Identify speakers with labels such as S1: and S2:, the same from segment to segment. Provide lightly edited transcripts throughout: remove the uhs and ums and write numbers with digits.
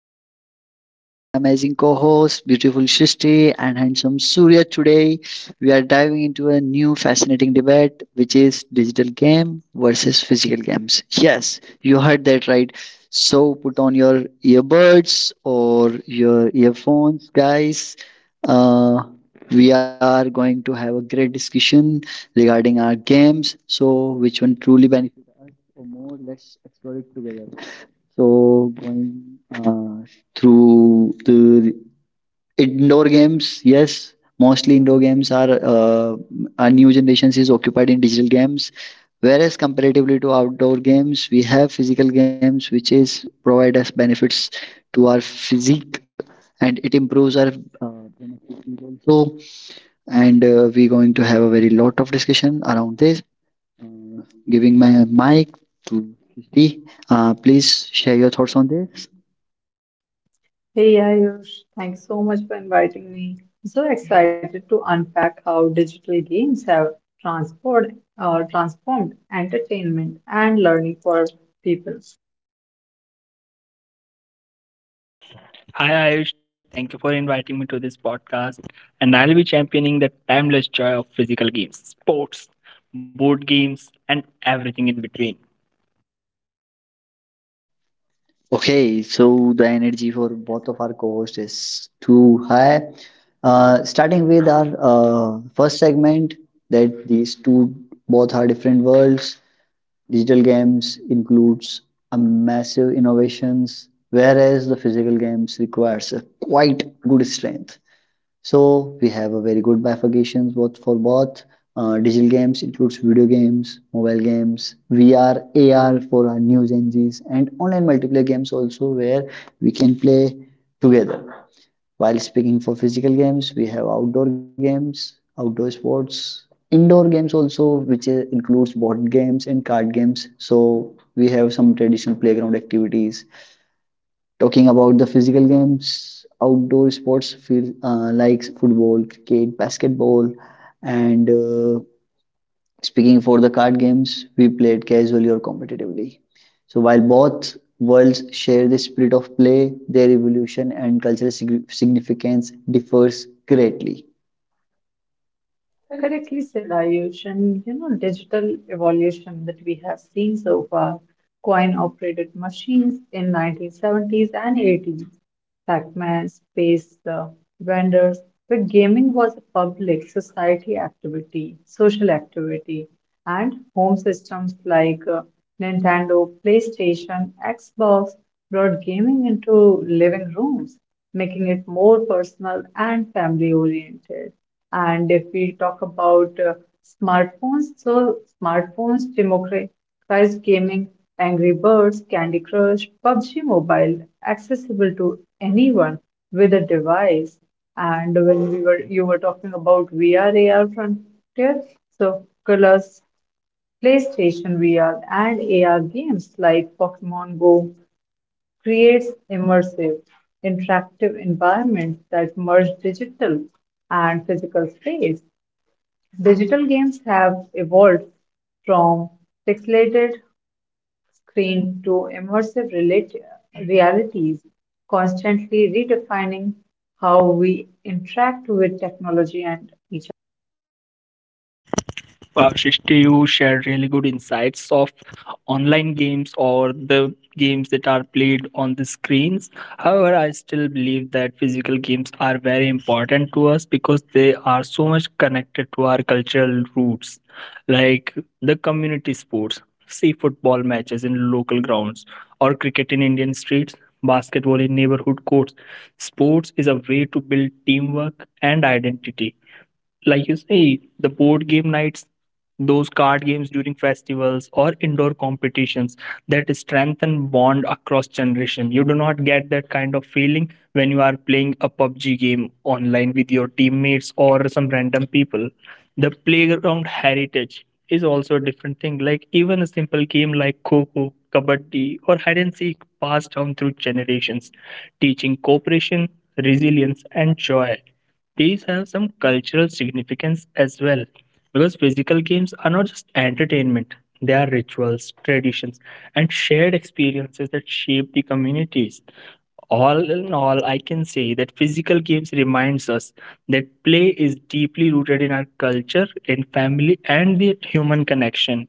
S1: Ayush, joined by my amazing co-host, beautiful Shristi and handsome Surya. Today, we are diving into a new fascinating debate, which is digital game versus physical games. Yes, you heard that right. So put on your earbuds or your earphones, guys. Uh, we are going to have a great discussion regarding our games. So, which one truly benefits? For more. Let's explore it together. So, going uh, through the indoor games, yes, mostly indoor games are our new generations is occupied in digital games. Whereas comparatively to outdoor games, we have physical games which is provide us benefits to our physique and it improves our benefits also. And we're going to have a very lot of discussion around this, giving my mic to Srishti. Please share your thoughts on this.
S2: Hey Ayush, thanks so much for inviting me. I'm so excited to unpack how digital games have transformed, transformed entertainment and learning for people.
S3: Hi Ayush, thank you for inviting me to this podcast. And I'll be championing the timeless joy of physical games, sports, board games, and everything in between.
S1: Okay, so the energy for both of our co-hosts is too high. Starting with our first segment, that these two both are different worlds. Digital games includes a massive innovations, whereas the physical games requires a quite good strength. So we have a very good bifurcation both for both digital games includes video games, mobile games, VR, AR for our new Gen Zs, and online multiplayer games also where we can play together. While speaking for physical games, we have outdoor games, outdoor sports, indoor games also, which includes board games and card games. So we have some traditional playground activities talking about the physical games, outdoor sports feel, like football, cricket, basketball, and speaking for the card games, we played casually or competitively. So while both worlds share the spirit of play, their evolution and cultural significance differs greatly.
S2: Correctly said, Ayush, and you know, digital evolution that we have seen so far, coin-operated machines in 1970s and 80s, Pac-Man, space vendors, but gaming was a public society activity, social activity. And home systems like Nintendo, PlayStation, Xbox brought gaming into living rooms, making it more personal and family oriented. And if we talk about smartphones, so smartphones democratized gaming, Angry Birds, Candy Crush, PUBG Mobile, accessible to anyone with a device. And when we were you were talking about VR AR frontier, so Oculus, PlayStation VR, and AR games like Pokemon Go creates immersive, interactive environments that merge digital and physical space. Digital games have evolved from pixelated screen to immersive realities, constantly redefining how we interact with technology and each.
S3: Wow, Shrishti, you shared really good insights of online games or the games that are played on the screens. However, I still believe that physical games are very important to us because they are so much connected to our cultural roots, like the community sports. See football matches in local grounds or cricket in Indian streets, basketball in neighborhood courts. Sports is a way to build teamwork and identity like you say, the board game nights, those card games during festivals or indoor competitions that strengthen bond across generation. You do not get that kind of feeling when you are playing a PUBG game online with your teammates or some random people. The playground heritage is also a different thing. Like even a simple game like Coco, Kabaddi, or hide and seek passed down through generations, teaching cooperation, resilience, and joy, these have some cultural significance as well because physical games are not just entertainment, they are rituals, traditions, and shared experiences that shape the communities. All in all, I can say that physical games reminds us that play is deeply rooted in our culture, in family, and the human connection.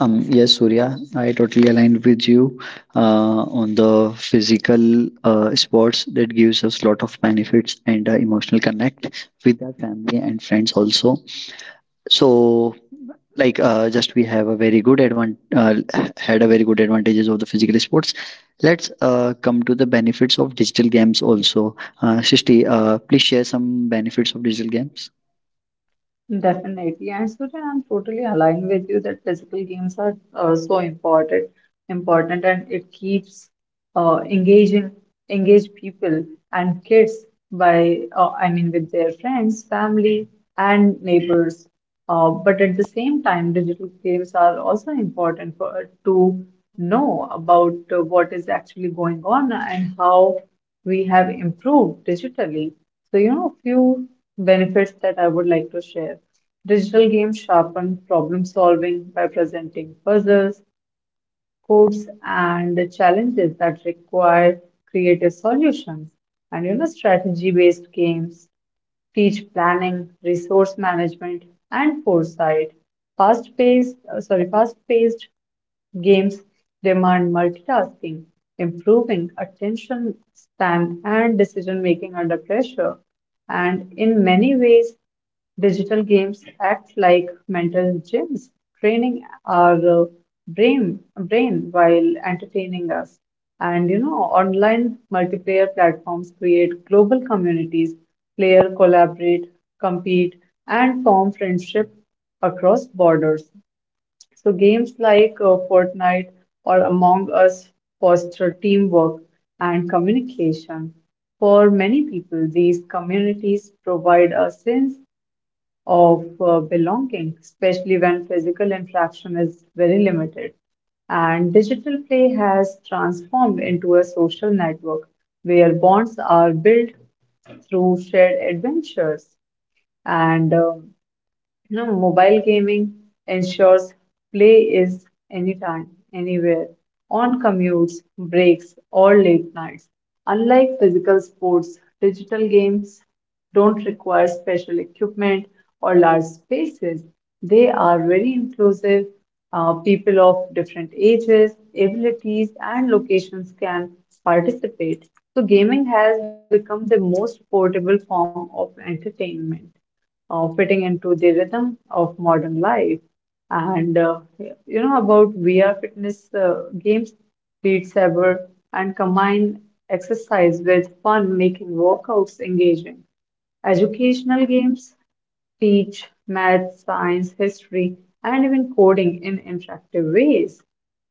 S1: Yes, Surya, I totally aligned with you on the physical sports that gives us lot of benefits and emotional connect with our family and friends also. So, like just we have a very good had a very good advantages of the physical sports. Let's come to the benefits of digital games also. Shishti, please share some benefits of digital games.
S2: Definitely. And Surya, I'm totally aligned with you that physical games are so important and it keeps engaging engaged people and kids by with their friends, family, and neighbors. But at the same time, digital games are also important for to know about what is actually going on and how we have improved digitally. So, you know, few benefits that I would like to share. Digital games sharpen problem solving by presenting puzzles, hopes and challenges that require creative solutions, and you know, strategy based games teach planning, resource management, and foresight. Fast paced games demand multitasking, improving attention span and decision making under pressure. And in many ways, digital games act like mental gyms, training our brain while entertaining us. And you know, online multiplayer platforms create global communities. Player collaborate, compete, and form friendships across borders. So games like Fortnite or Among Us foster teamwork and communication. For many people, these communities provide a sense of belonging, especially when physical interaction is very limited. And digital play has transformed into a social network where bonds are built through shared adventures. And you know, mobile gaming ensures play is anytime, anywhere, on commutes, breaks, or late nights. Unlike physical sports, digital games don't require special equipment or large spaces. They are very inclusive. People of different ages, abilities, and locations can participate. So, gaming has become the most portable form of entertainment, fitting into the rhythm of modern life. And you know about VR fitness games, Beat Saber, and combine exercise with fun, making workouts engaging. Educational games teach math, science, history, and even coding in interactive ways.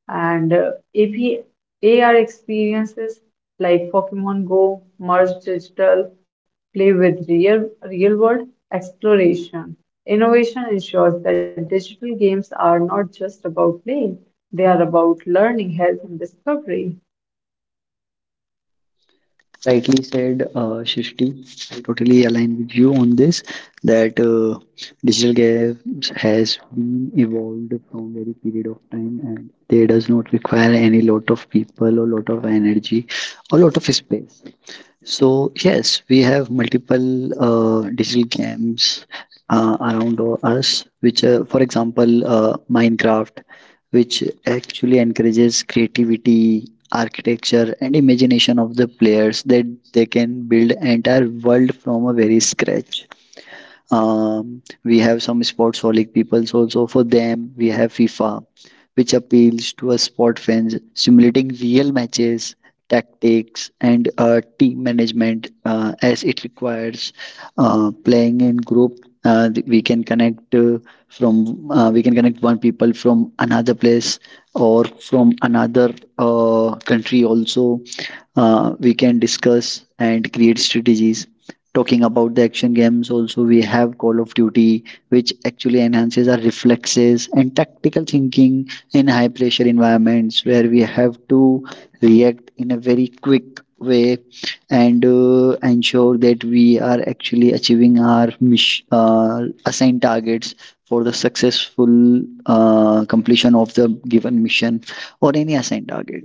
S2: And AP, experiences like Pokemon Go, Merge Digital, play with real world exploration. Innovation ensures that digital games are not just about play, they are about learning, health, and discovery.
S1: Rightly said, Shishti. I totally align with you on this that digital games has been evolved from very period of time and they does not require any lot of people or lot of energy or lot of space. So yes, we have multiple digital games around us, which, for example, Minecraft, which actually encourages creativity, architecture, and imagination of the players that they can build entire world from a very scratch. We have some sportsaholic peoples also. For them, we have FIFA, which appeals to a sport fans, simulating real matches, tactics, and team management as it requires playing in group. Uh, th- we can connect uh, we can connect one people from another place or from another country also. We can discuss and create strategies. Talking about the action games, also we have Call of Duty, which actually enhances our reflexes and tactical thinking in high pressure environments where we have to react in a very quick way and ensure that we are actually achieving our assigned targets for the successful completion of the given mission or any assigned target.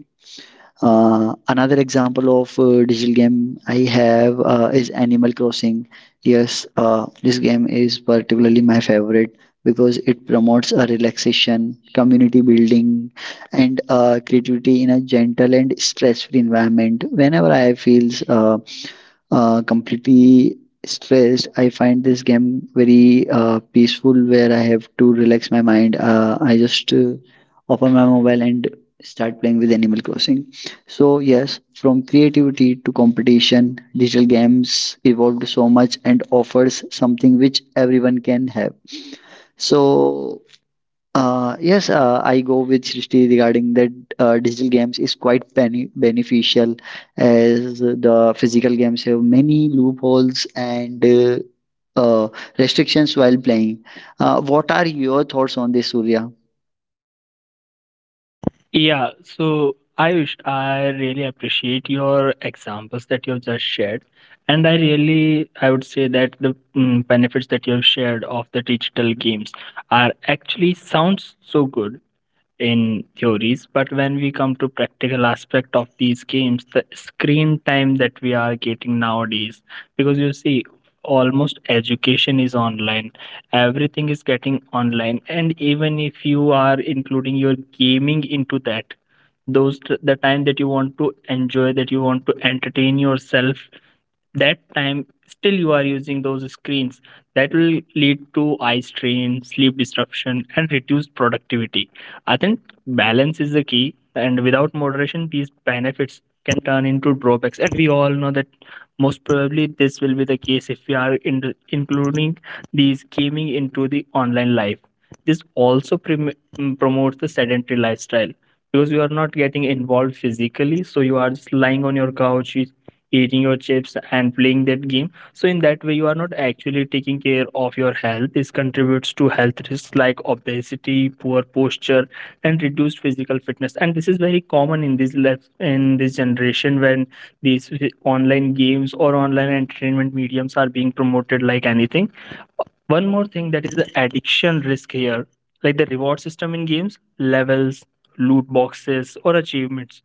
S1: Another example of digital game I have is Animal Crossing. Yes, this game is particularly my favorite because it promotes a relaxation, community building, and creativity in a gentle and stress-free environment. Whenever I feels completely stressed, I find this game very peaceful where I have to relax my mind. I just open my mobile and start playing with Animal Crossing. So, yes, from creativity to competition, digital games evolved so much and offers something which everyone can have. So, yes, I go with Srishti regarding that digital games is quite beneficial as the physical games have many loopholes and uh, restrictions while playing. What are your thoughts on this, Surya?
S3: Yeah, so Ayush, I really appreciate your examples that you've just shared. And I really, I would say that the benefits that you've shared of the digital games are actually sounds so good in theories, but when we come to practical aspect of these games, the screen time that we are getting nowadays, because you see almost education is online, everything is getting online, and even if you are including your gaming into that, those the time that you want to enjoy, that you want to entertain yourself, that time still you are using those screens, that will lead to eye strain, sleep disruption, and reduced productivity. I think balance is the key, and without moderation these benefits can turn into drawbacks, and we all know that most probably this will be the case if we are in, including these gaming into the online life. This also promotes the sedentary lifestyle because you are not getting involved physically, so you are just lying on your couch, you eating your chips and playing that game. So in that way you are not actually taking care of your health. This contributes to health risks like obesity, poor posture, and reduced physical fitness, and this is very common in this life, in this generation, when these online games or online entertainment mediums are being promoted like anything. One more thing that is the addiction risk here, like the reward system in games, levels, loot boxes, or achievements,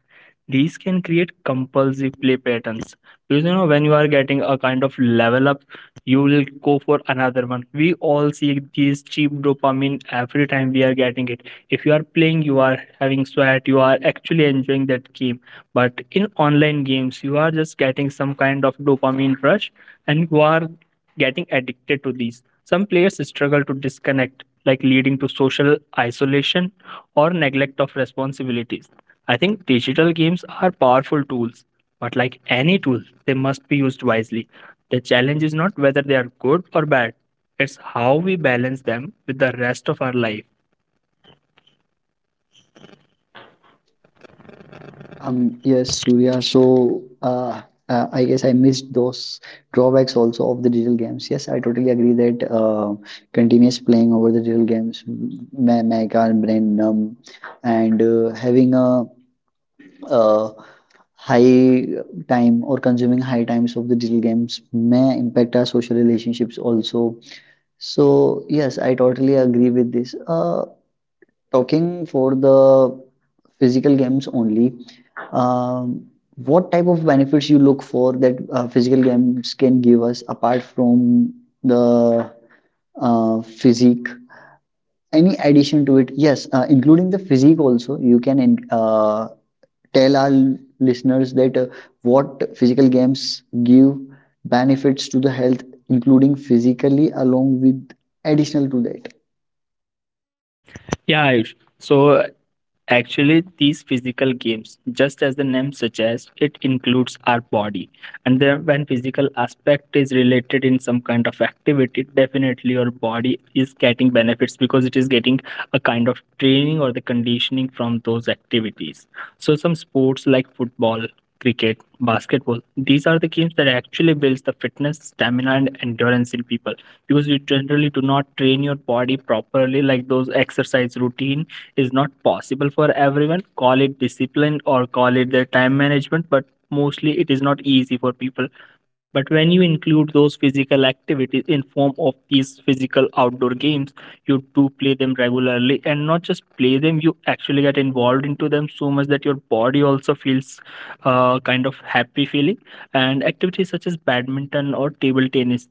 S3: these can create compulsive play patterns. Because you know, when you are getting a kind of level up, you will go for another one. We all see these cheap dopamine every time we are getting it. If you are playing, you are having sweat, you are actually enjoying that game. But in online games, you are just getting some kind of dopamine rush and you are getting addicted to these. Some players struggle to disconnect, like leading to social isolation or neglect of responsibilities. I think digital games are powerful tools, but like any tool, they must be used wisely. The challenge is not whether they are good or bad, it's how we balance them with the rest of our life.
S1: Yes, Surya. So, I guess I missed those drawbacks also of the digital games. Yes, I totally agree that continuous playing over the digital games may make our brain numb, and having a uh, high time or consuming high times of the digital games may impact our social relationships also. So, yes, I totally agree with this. Talking for the physical games only, um, what type of benefits you look for that physical games can give us apart from the physique? Any addition to it? Yes, including the physique also. You can uh, tell our listeners that what physical games give benefits to the health, including physically, along with additional to that.
S3: Yeah, Ayush. So actually, these physical games, just as the name suggests, it includes our body. And then when physical aspect is related in some kind of activity, definitely your body is getting benefits because it is getting a kind of training or the conditioning from those activities. So some sports like football, cricket, basketball, these are the games that actually builds the fitness, stamina, and endurance in people, because you generally do not train your body properly. Like those exercise routine is not possible for everyone, call it discipline or call it their time management, but mostly it is not easy for people. But when you include those physical activities in form of these physical outdoor games, you do play them regularly, and not just play them, you actually get involved into them so much that your body also feels kind of happy feeling. And activities such as badminton or table tennis,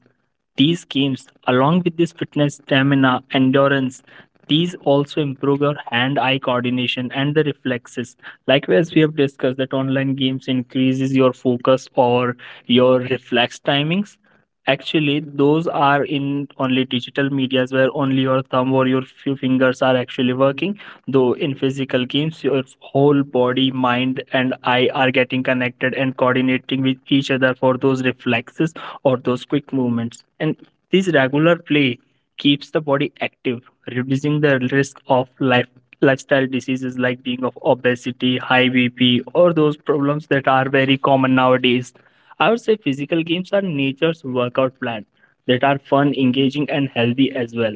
S3: these games, along with this fitness, stamina, endurance, these also improve your hand-eye coordination and the reflexes. Likewise, we have discussed that online games increases your focus or your reflex timings. Actually, those are in only digital medias where only your thumb or your few fingers are actually working. Though in physical games, your whole body, mind, and eye are getting connected and coordinating with each other for those reflexes or those quick movements. And this regular play keeps the body active, reducing the risk of lifestyle diseases like being of obesity, high BP, or those problems that are very common nowadays. I would say physical games are nature's workout plan that are fun, engaging, and healthy as well.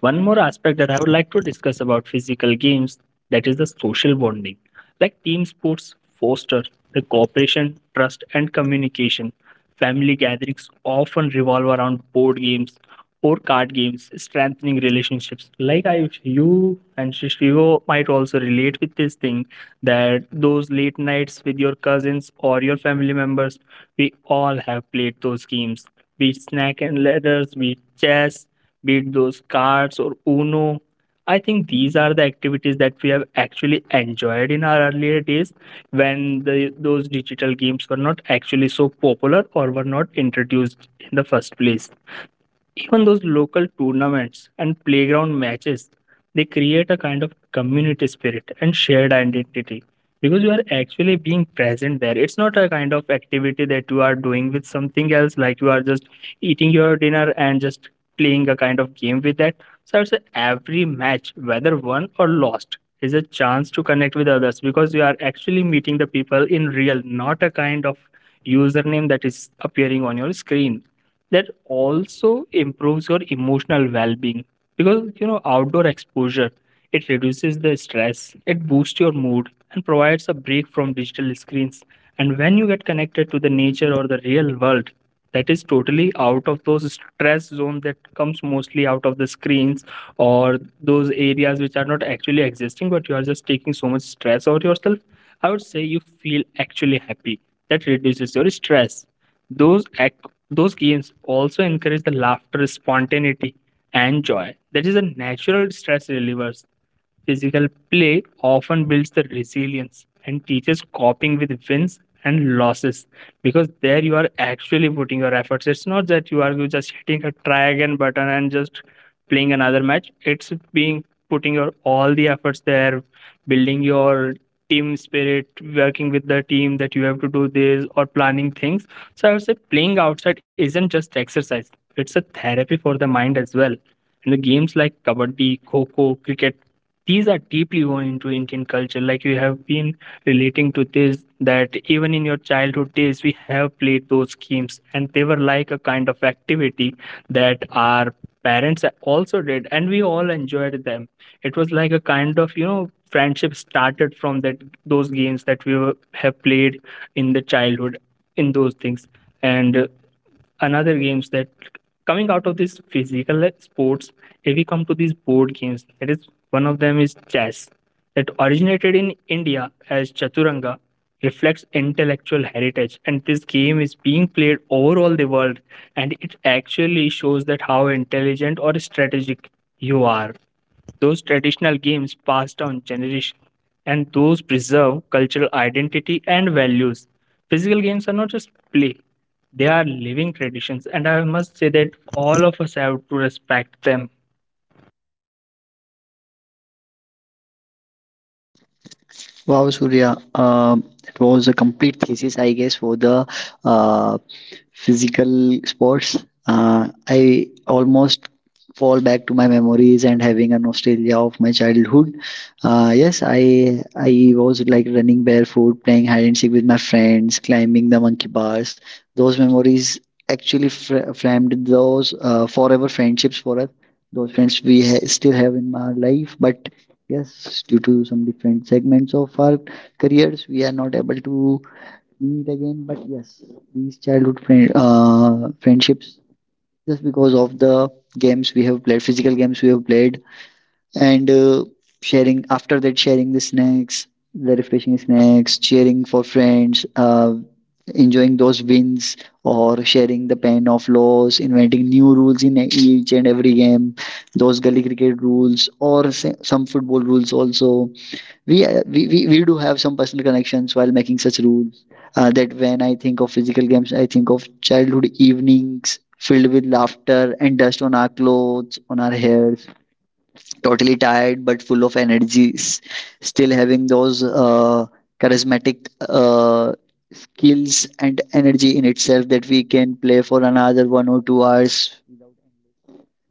S3: One more aspect that I would like to discuss about physical games, that is the social bonding. Like team sports foster the cooperation, trust, and communication. Family gatherings often revolve around board games or card games, strengthening relationships. Like I, you, and Shishio might also relate with this thing, that those late nights with your cousins or your family members, we all have played those games. Be it snack and ladders, be it chess, be it those cards or Uno. I think these are the activities that we have actually enjoyed in our earlier days, when those digital games were not actually so popular or were not introduced in the first place. Even those local tournaments and playground matches, they create a kind of community spirit and shared identity, because you are actually being present there. It's not a kind of activity that you are doing with something else, like you are just eating your dinner and just playing a kind of game with that. So I, every match, whether won or lost, is a chance to connect with others, because you are actually meeting the people in real, not a kind of username that is appearing on your screen. That also improves your emotional well-being, because you know outdoor exposure, it reduces the stress, it boosts your mood, and provides a break from digital screens. And when you get connected to the nature or the real world, that is totally out of those stress zone that comes mostly out of the screens or those areas which are not actually existing, but you are just taking so much stress over yourself. I would say you feel actually happy, that reduces your stress. Those those games also encourage the laughter, spontaneity, and joy. That is a natural stress reliever. Physical play often builds the resilience and teaches coping with wins and losses, because there you are actually putting your efforts. It's not that you are just hitting a try again button and just playing another match. It's being putting your all the efforts there, building your team spirit, working with the team that you have to do this, or planning things. So I would say playing outside isn't just exercise, it's a therapy for the mind as well. And the games like kabaddi, kho cricket, these are deeply woven into Indian culture. Like you have been relating to this, that even in your childhood days, we have played those games, and they were like a kind of activity that our parents also did, and we all enjoyed them. It was like a kind of, you know, friendship started from that, those games that have played in the childhood, in those things. And another games that coming out of this physical sports, if we come to these board games, that is one of them is chess, that originated in India as Chaturanga, reflects intellectual heritage, and this game is being played over all the world, and it actually shows that how intelligent or strategic you are. Those traditional games passed down generation, and those preserve cultural identity and values. Physical games are not just play, they are living traditions, and I must say that all of us have to respect them.
S1: Wow, Surya, it was a complete thesis, I guess, for the uh, physical sports. I almost fall back to my memories and having a nostalgia of my childhood. Yes, I was like running barefoot, playing hide and seek with my friends, climbing the monkey bars. Those memories actually framed those forever friendships for us. Those friends we still have in my life, but yes, due to some different segments of our careers, we are not able to meet again. But yes, these friendships, just because of the games we have played, physical games we have played, and sharing after that, sharing the snacks, the refreshing snacks, cheering for friends, enjoying those wins, or sharing the pain of loss, inventing new rules in each and every game, those gully cricket rules, or some football rules also we do have some personal connections while making such rules, that when I think of physical games, I think of childhood evenings filled with laughter and dust on our clothes, on our hairs, totally tired but full of energy, still having those charismatic skills and energy in itself that we can play for another one or two hours.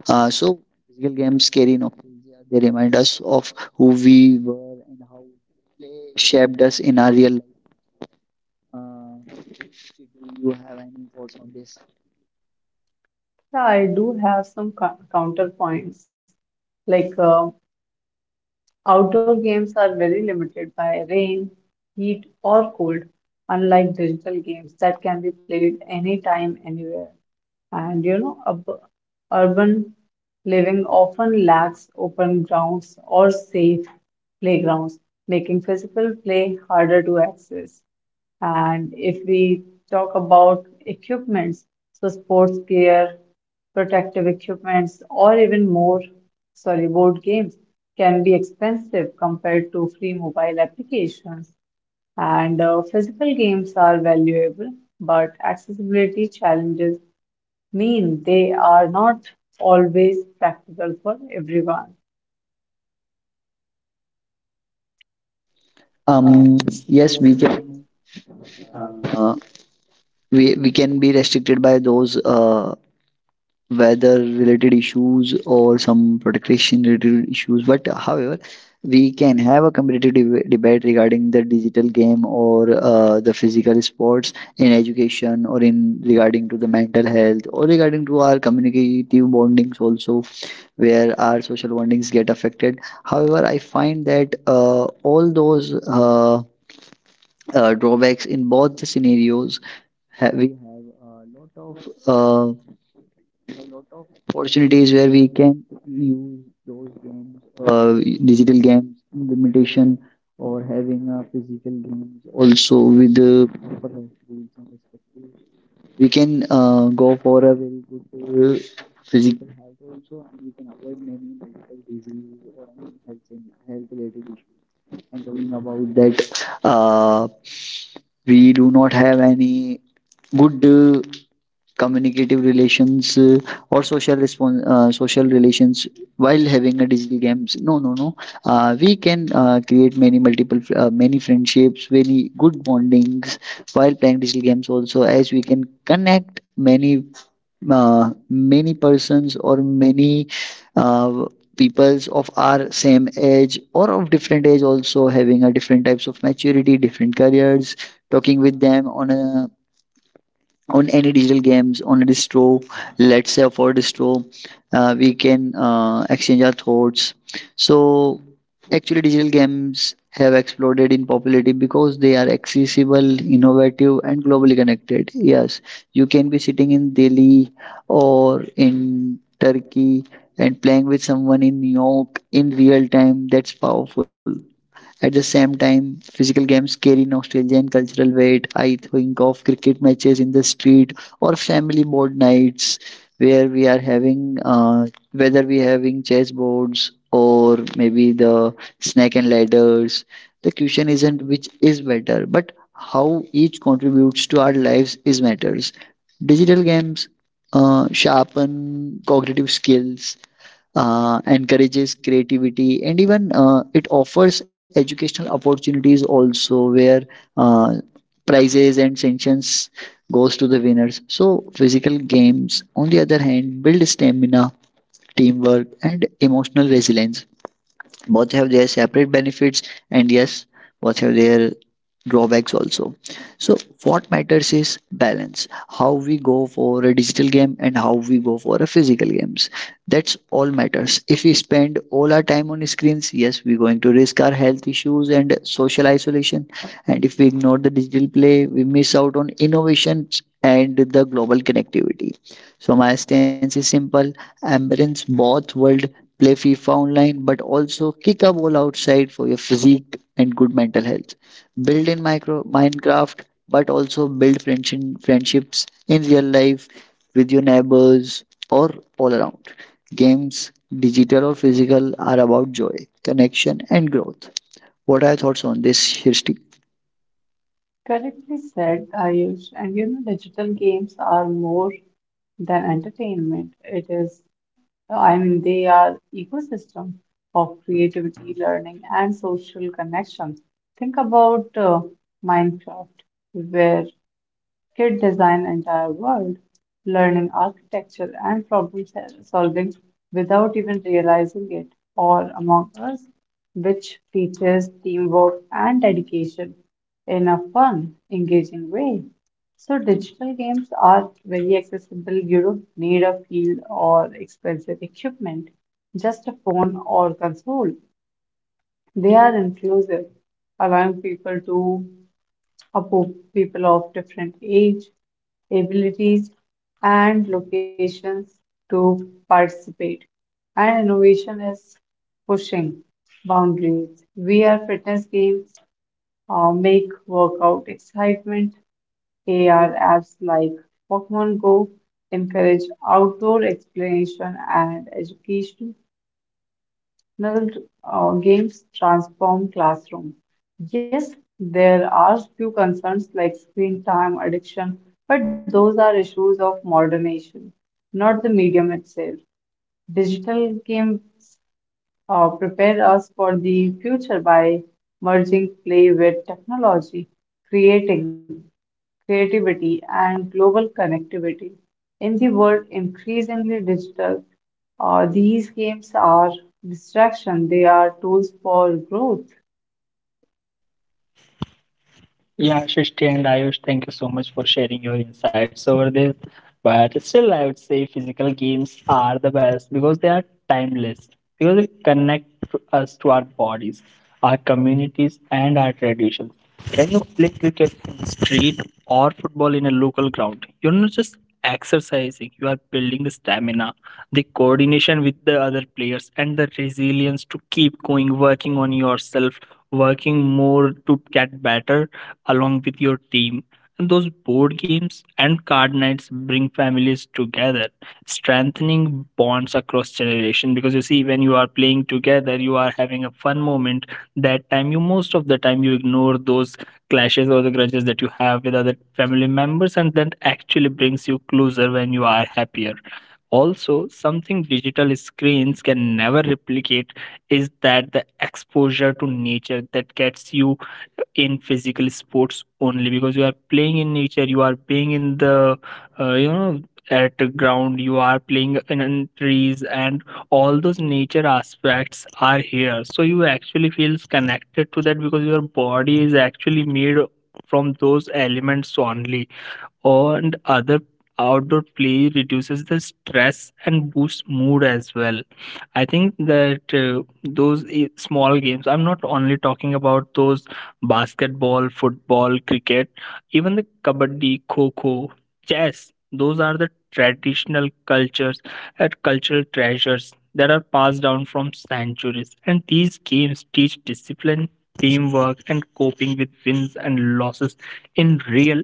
S1: So, physical games carry nostalgia. They remind us of who we were and how play shaped us in our real life. Uh, do you have any thoughts on this?
S2: Yeah, I do have some counterpoints like outdoor games are very limited by rain, heat, or cold, unlike digital games that can be played anytime, anywhere. And you know, urban living often lacks open grounds or safe playgrounds, making physical play harder to access. And if we talk about equipments, so sports gear, protective equipments, or even more, sorry, board games can be expensive compared to free mobile applications. And physical games are valuable, but accessibility challenges mean they are not always practical for everyone.
S1: Um, yes, we can. Uh, we can be restricted by those weather related issues or some protection related issues, but however we can have a competitive debate regarding the digital game or the physical sports in education or in regarding to the mental health or regarding to our communicative bondings also, where our social bondings get affected. However, I find that all those drawbacks in both the scenarios, we have a lot of opportunities where we can use those games, digital games, limitation or having a physical games also with the proper health rules and respective. We can go for a very good physical health also, and we can avoid many medical disease or any health related issues. And talking about that, we do not have any good. Communicative relations or social relations while having a digital games. No, no, no, we can create many friendships, many good bondings while playing digital games also, as we can connect many persons or many uh, peoples of our same age or of different age also, having a different types of maturity, different careers, talking with them on a, on any digital games on a distro. Let's say for distro, we can exchange our thoughts. So actually, digital games have exploded in popularity because they are accessible, innovative and globally connected. Yes, you can be sitting in Delhi or in Turkey and playing with someone in New York in real time. That's powerful. At the same time, physical games carry nostalgia and cultural weight. I think of cricket matches in the street or family board nights where we are having, whether we having chess boards or maybe the snake and ladders. The question isn't which is better, but how each contributes to our lives is matters. Digital games sharpen cognitive skills, encourages creativity and even it offers educational opportunities also, where uh, prizes and sanctions goes to the winners. So physical games on the other hand build stamina, teamwork and emotional resilience. Both have their separate benefits, and yes, both have their drawbacks also. So what matters is balance, how we go for a digital game and how we go for a physical games. That's all matters. If we spend all our time on screens, yes, we're going to risk our health issues and social isolation, and if we ignore the digital play, we miss out on innovations and the global connectivity. So my stance is simple: embrace both world, play FIFA online, but also kick a ball outside for your physique and good mental health. Build in micro Minecraft, but also build friendships in real life with your neighbors or all around. Games, digital or physical, are about joy, connection, and growth. What are your thoughts on this, Shristi?
S2: Correctly said, Ayush. And you know, digital games are more than entertainment. I mean, they are ecosystem of creativity, learning, and social connections. Think about Minecraft, where kid design entire world, learning architecture and problem solving without even realizing it. All Among Us, which features teamwork and dedication in a fun, engaging way. So digital games are very accessible. You don't need a field or expensive equipment, just a phone or console. They are inclusive, allowing people of different age, abilities, and locations to participate. And innovation is pushing boundaries. VR fitness games make workout excitement. AR apps like Pokemon Go encourage outdoor exploration and education. Traditional games transform classrooms. Yes, there are few concerns like screen time, addiction, but those are issues of modernization, not the medium itself. Digital games prepare us for the future by merging play with technology, creating creativity and global connectivity. In the world increasingly digital, these games are distraction, they are tools for growth.
S3: Yeah, Srishti and Ayush, thank you so much for sharing your insights over this. But still, I would say physical games are the best because they are timeless, because they connect to us, to our bodies, our communities, and our traditions. When you play cricket in the street or football in a local ground, you're not just exercising, you are building the stamina, the coordination with the other players, and the resilience to keep going, working on yourself, working more to get better along with your team. And those board games and card nights bring families together, strengthening bonds across generation. Because you see, when you are playing together, you are having a fun moment. That time, you most of the time you ignore those clashes or the grudges that you have with other family members, and that actually brings you closer when you are happier. Also, something digital screens can never replicate is that the exposure to nature that gets you in physical sports only, because you are playing in nature, you are playing in the you know, at the ground, you are playing in trees, and all those nature aspects are here, so you actually feels connected to that because your body is actually made from those elements only. And other outdoor play reduces the stress and boosts mood as well. I think that small games, I'm not only talking about those basketball, football, cricket, even the kabaddi, kho-kho, chess, those are the traditional cultures and cultural treasures that are passed down from centuries. And these games teach discipline, teamwork, and coping with wins and losses in real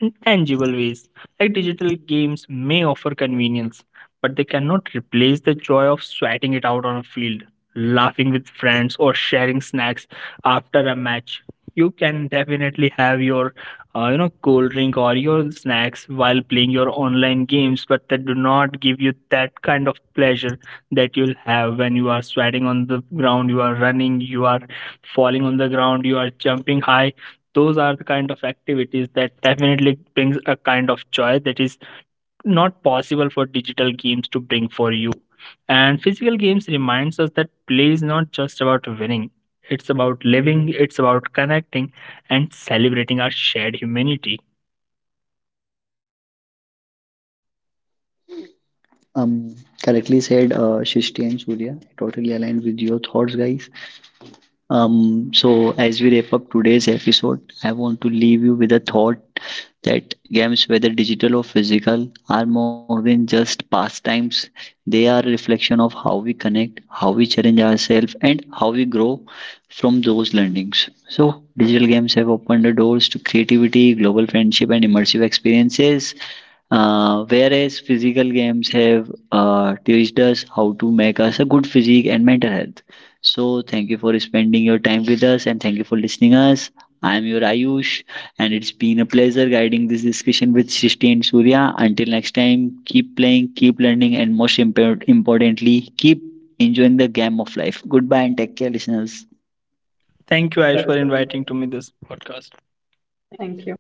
S3: in tangible ways. Like digital games may offer convenience, but they cannot replace the joy of sweating it out on a field, laughing with friends, or sharing snacks after a match. You can definitely have your, you know, cold drink or your snacks while playing your online games, but that do not give you that kind of pleasure that you'll have when you are sweating on the ground, you are running, you are falling on the ground, you are jumping high. Those are the kind of activities that definitely brings a kind of joy that is not possible for digital games to bring for you. And physical games reminds us that play is not just about winning, it's about living, it's about connecting, and celebrating our shared humanity.
S1: Um, Correctly said, Shristi and Surya. Totally aligned with your thoughts, guys. So, as we wrap up today's episode, I want to leave you with a thought that games, whether digital or physical, are more than just pastimes. They are a reflection of how we connect, how we challenge ourselves, and how we grow from those learnings. So, digital games have opened the doors to creativity, global friendship, and immersive experiences. Whereas physical games have teached us how to make us a good physique and mental health. So thank you for spending your time with us and thank you for listening us. I am your Ayush and it's been a pleasure guiding this discussion with Srishti and Surya. Until next time, keep playing, keep learning and most importantly, keep enjoying the game of life. Goodbye and take care listeners.
S3: Thank you Aish, for inviting to me this podcast.
S2: Thank you.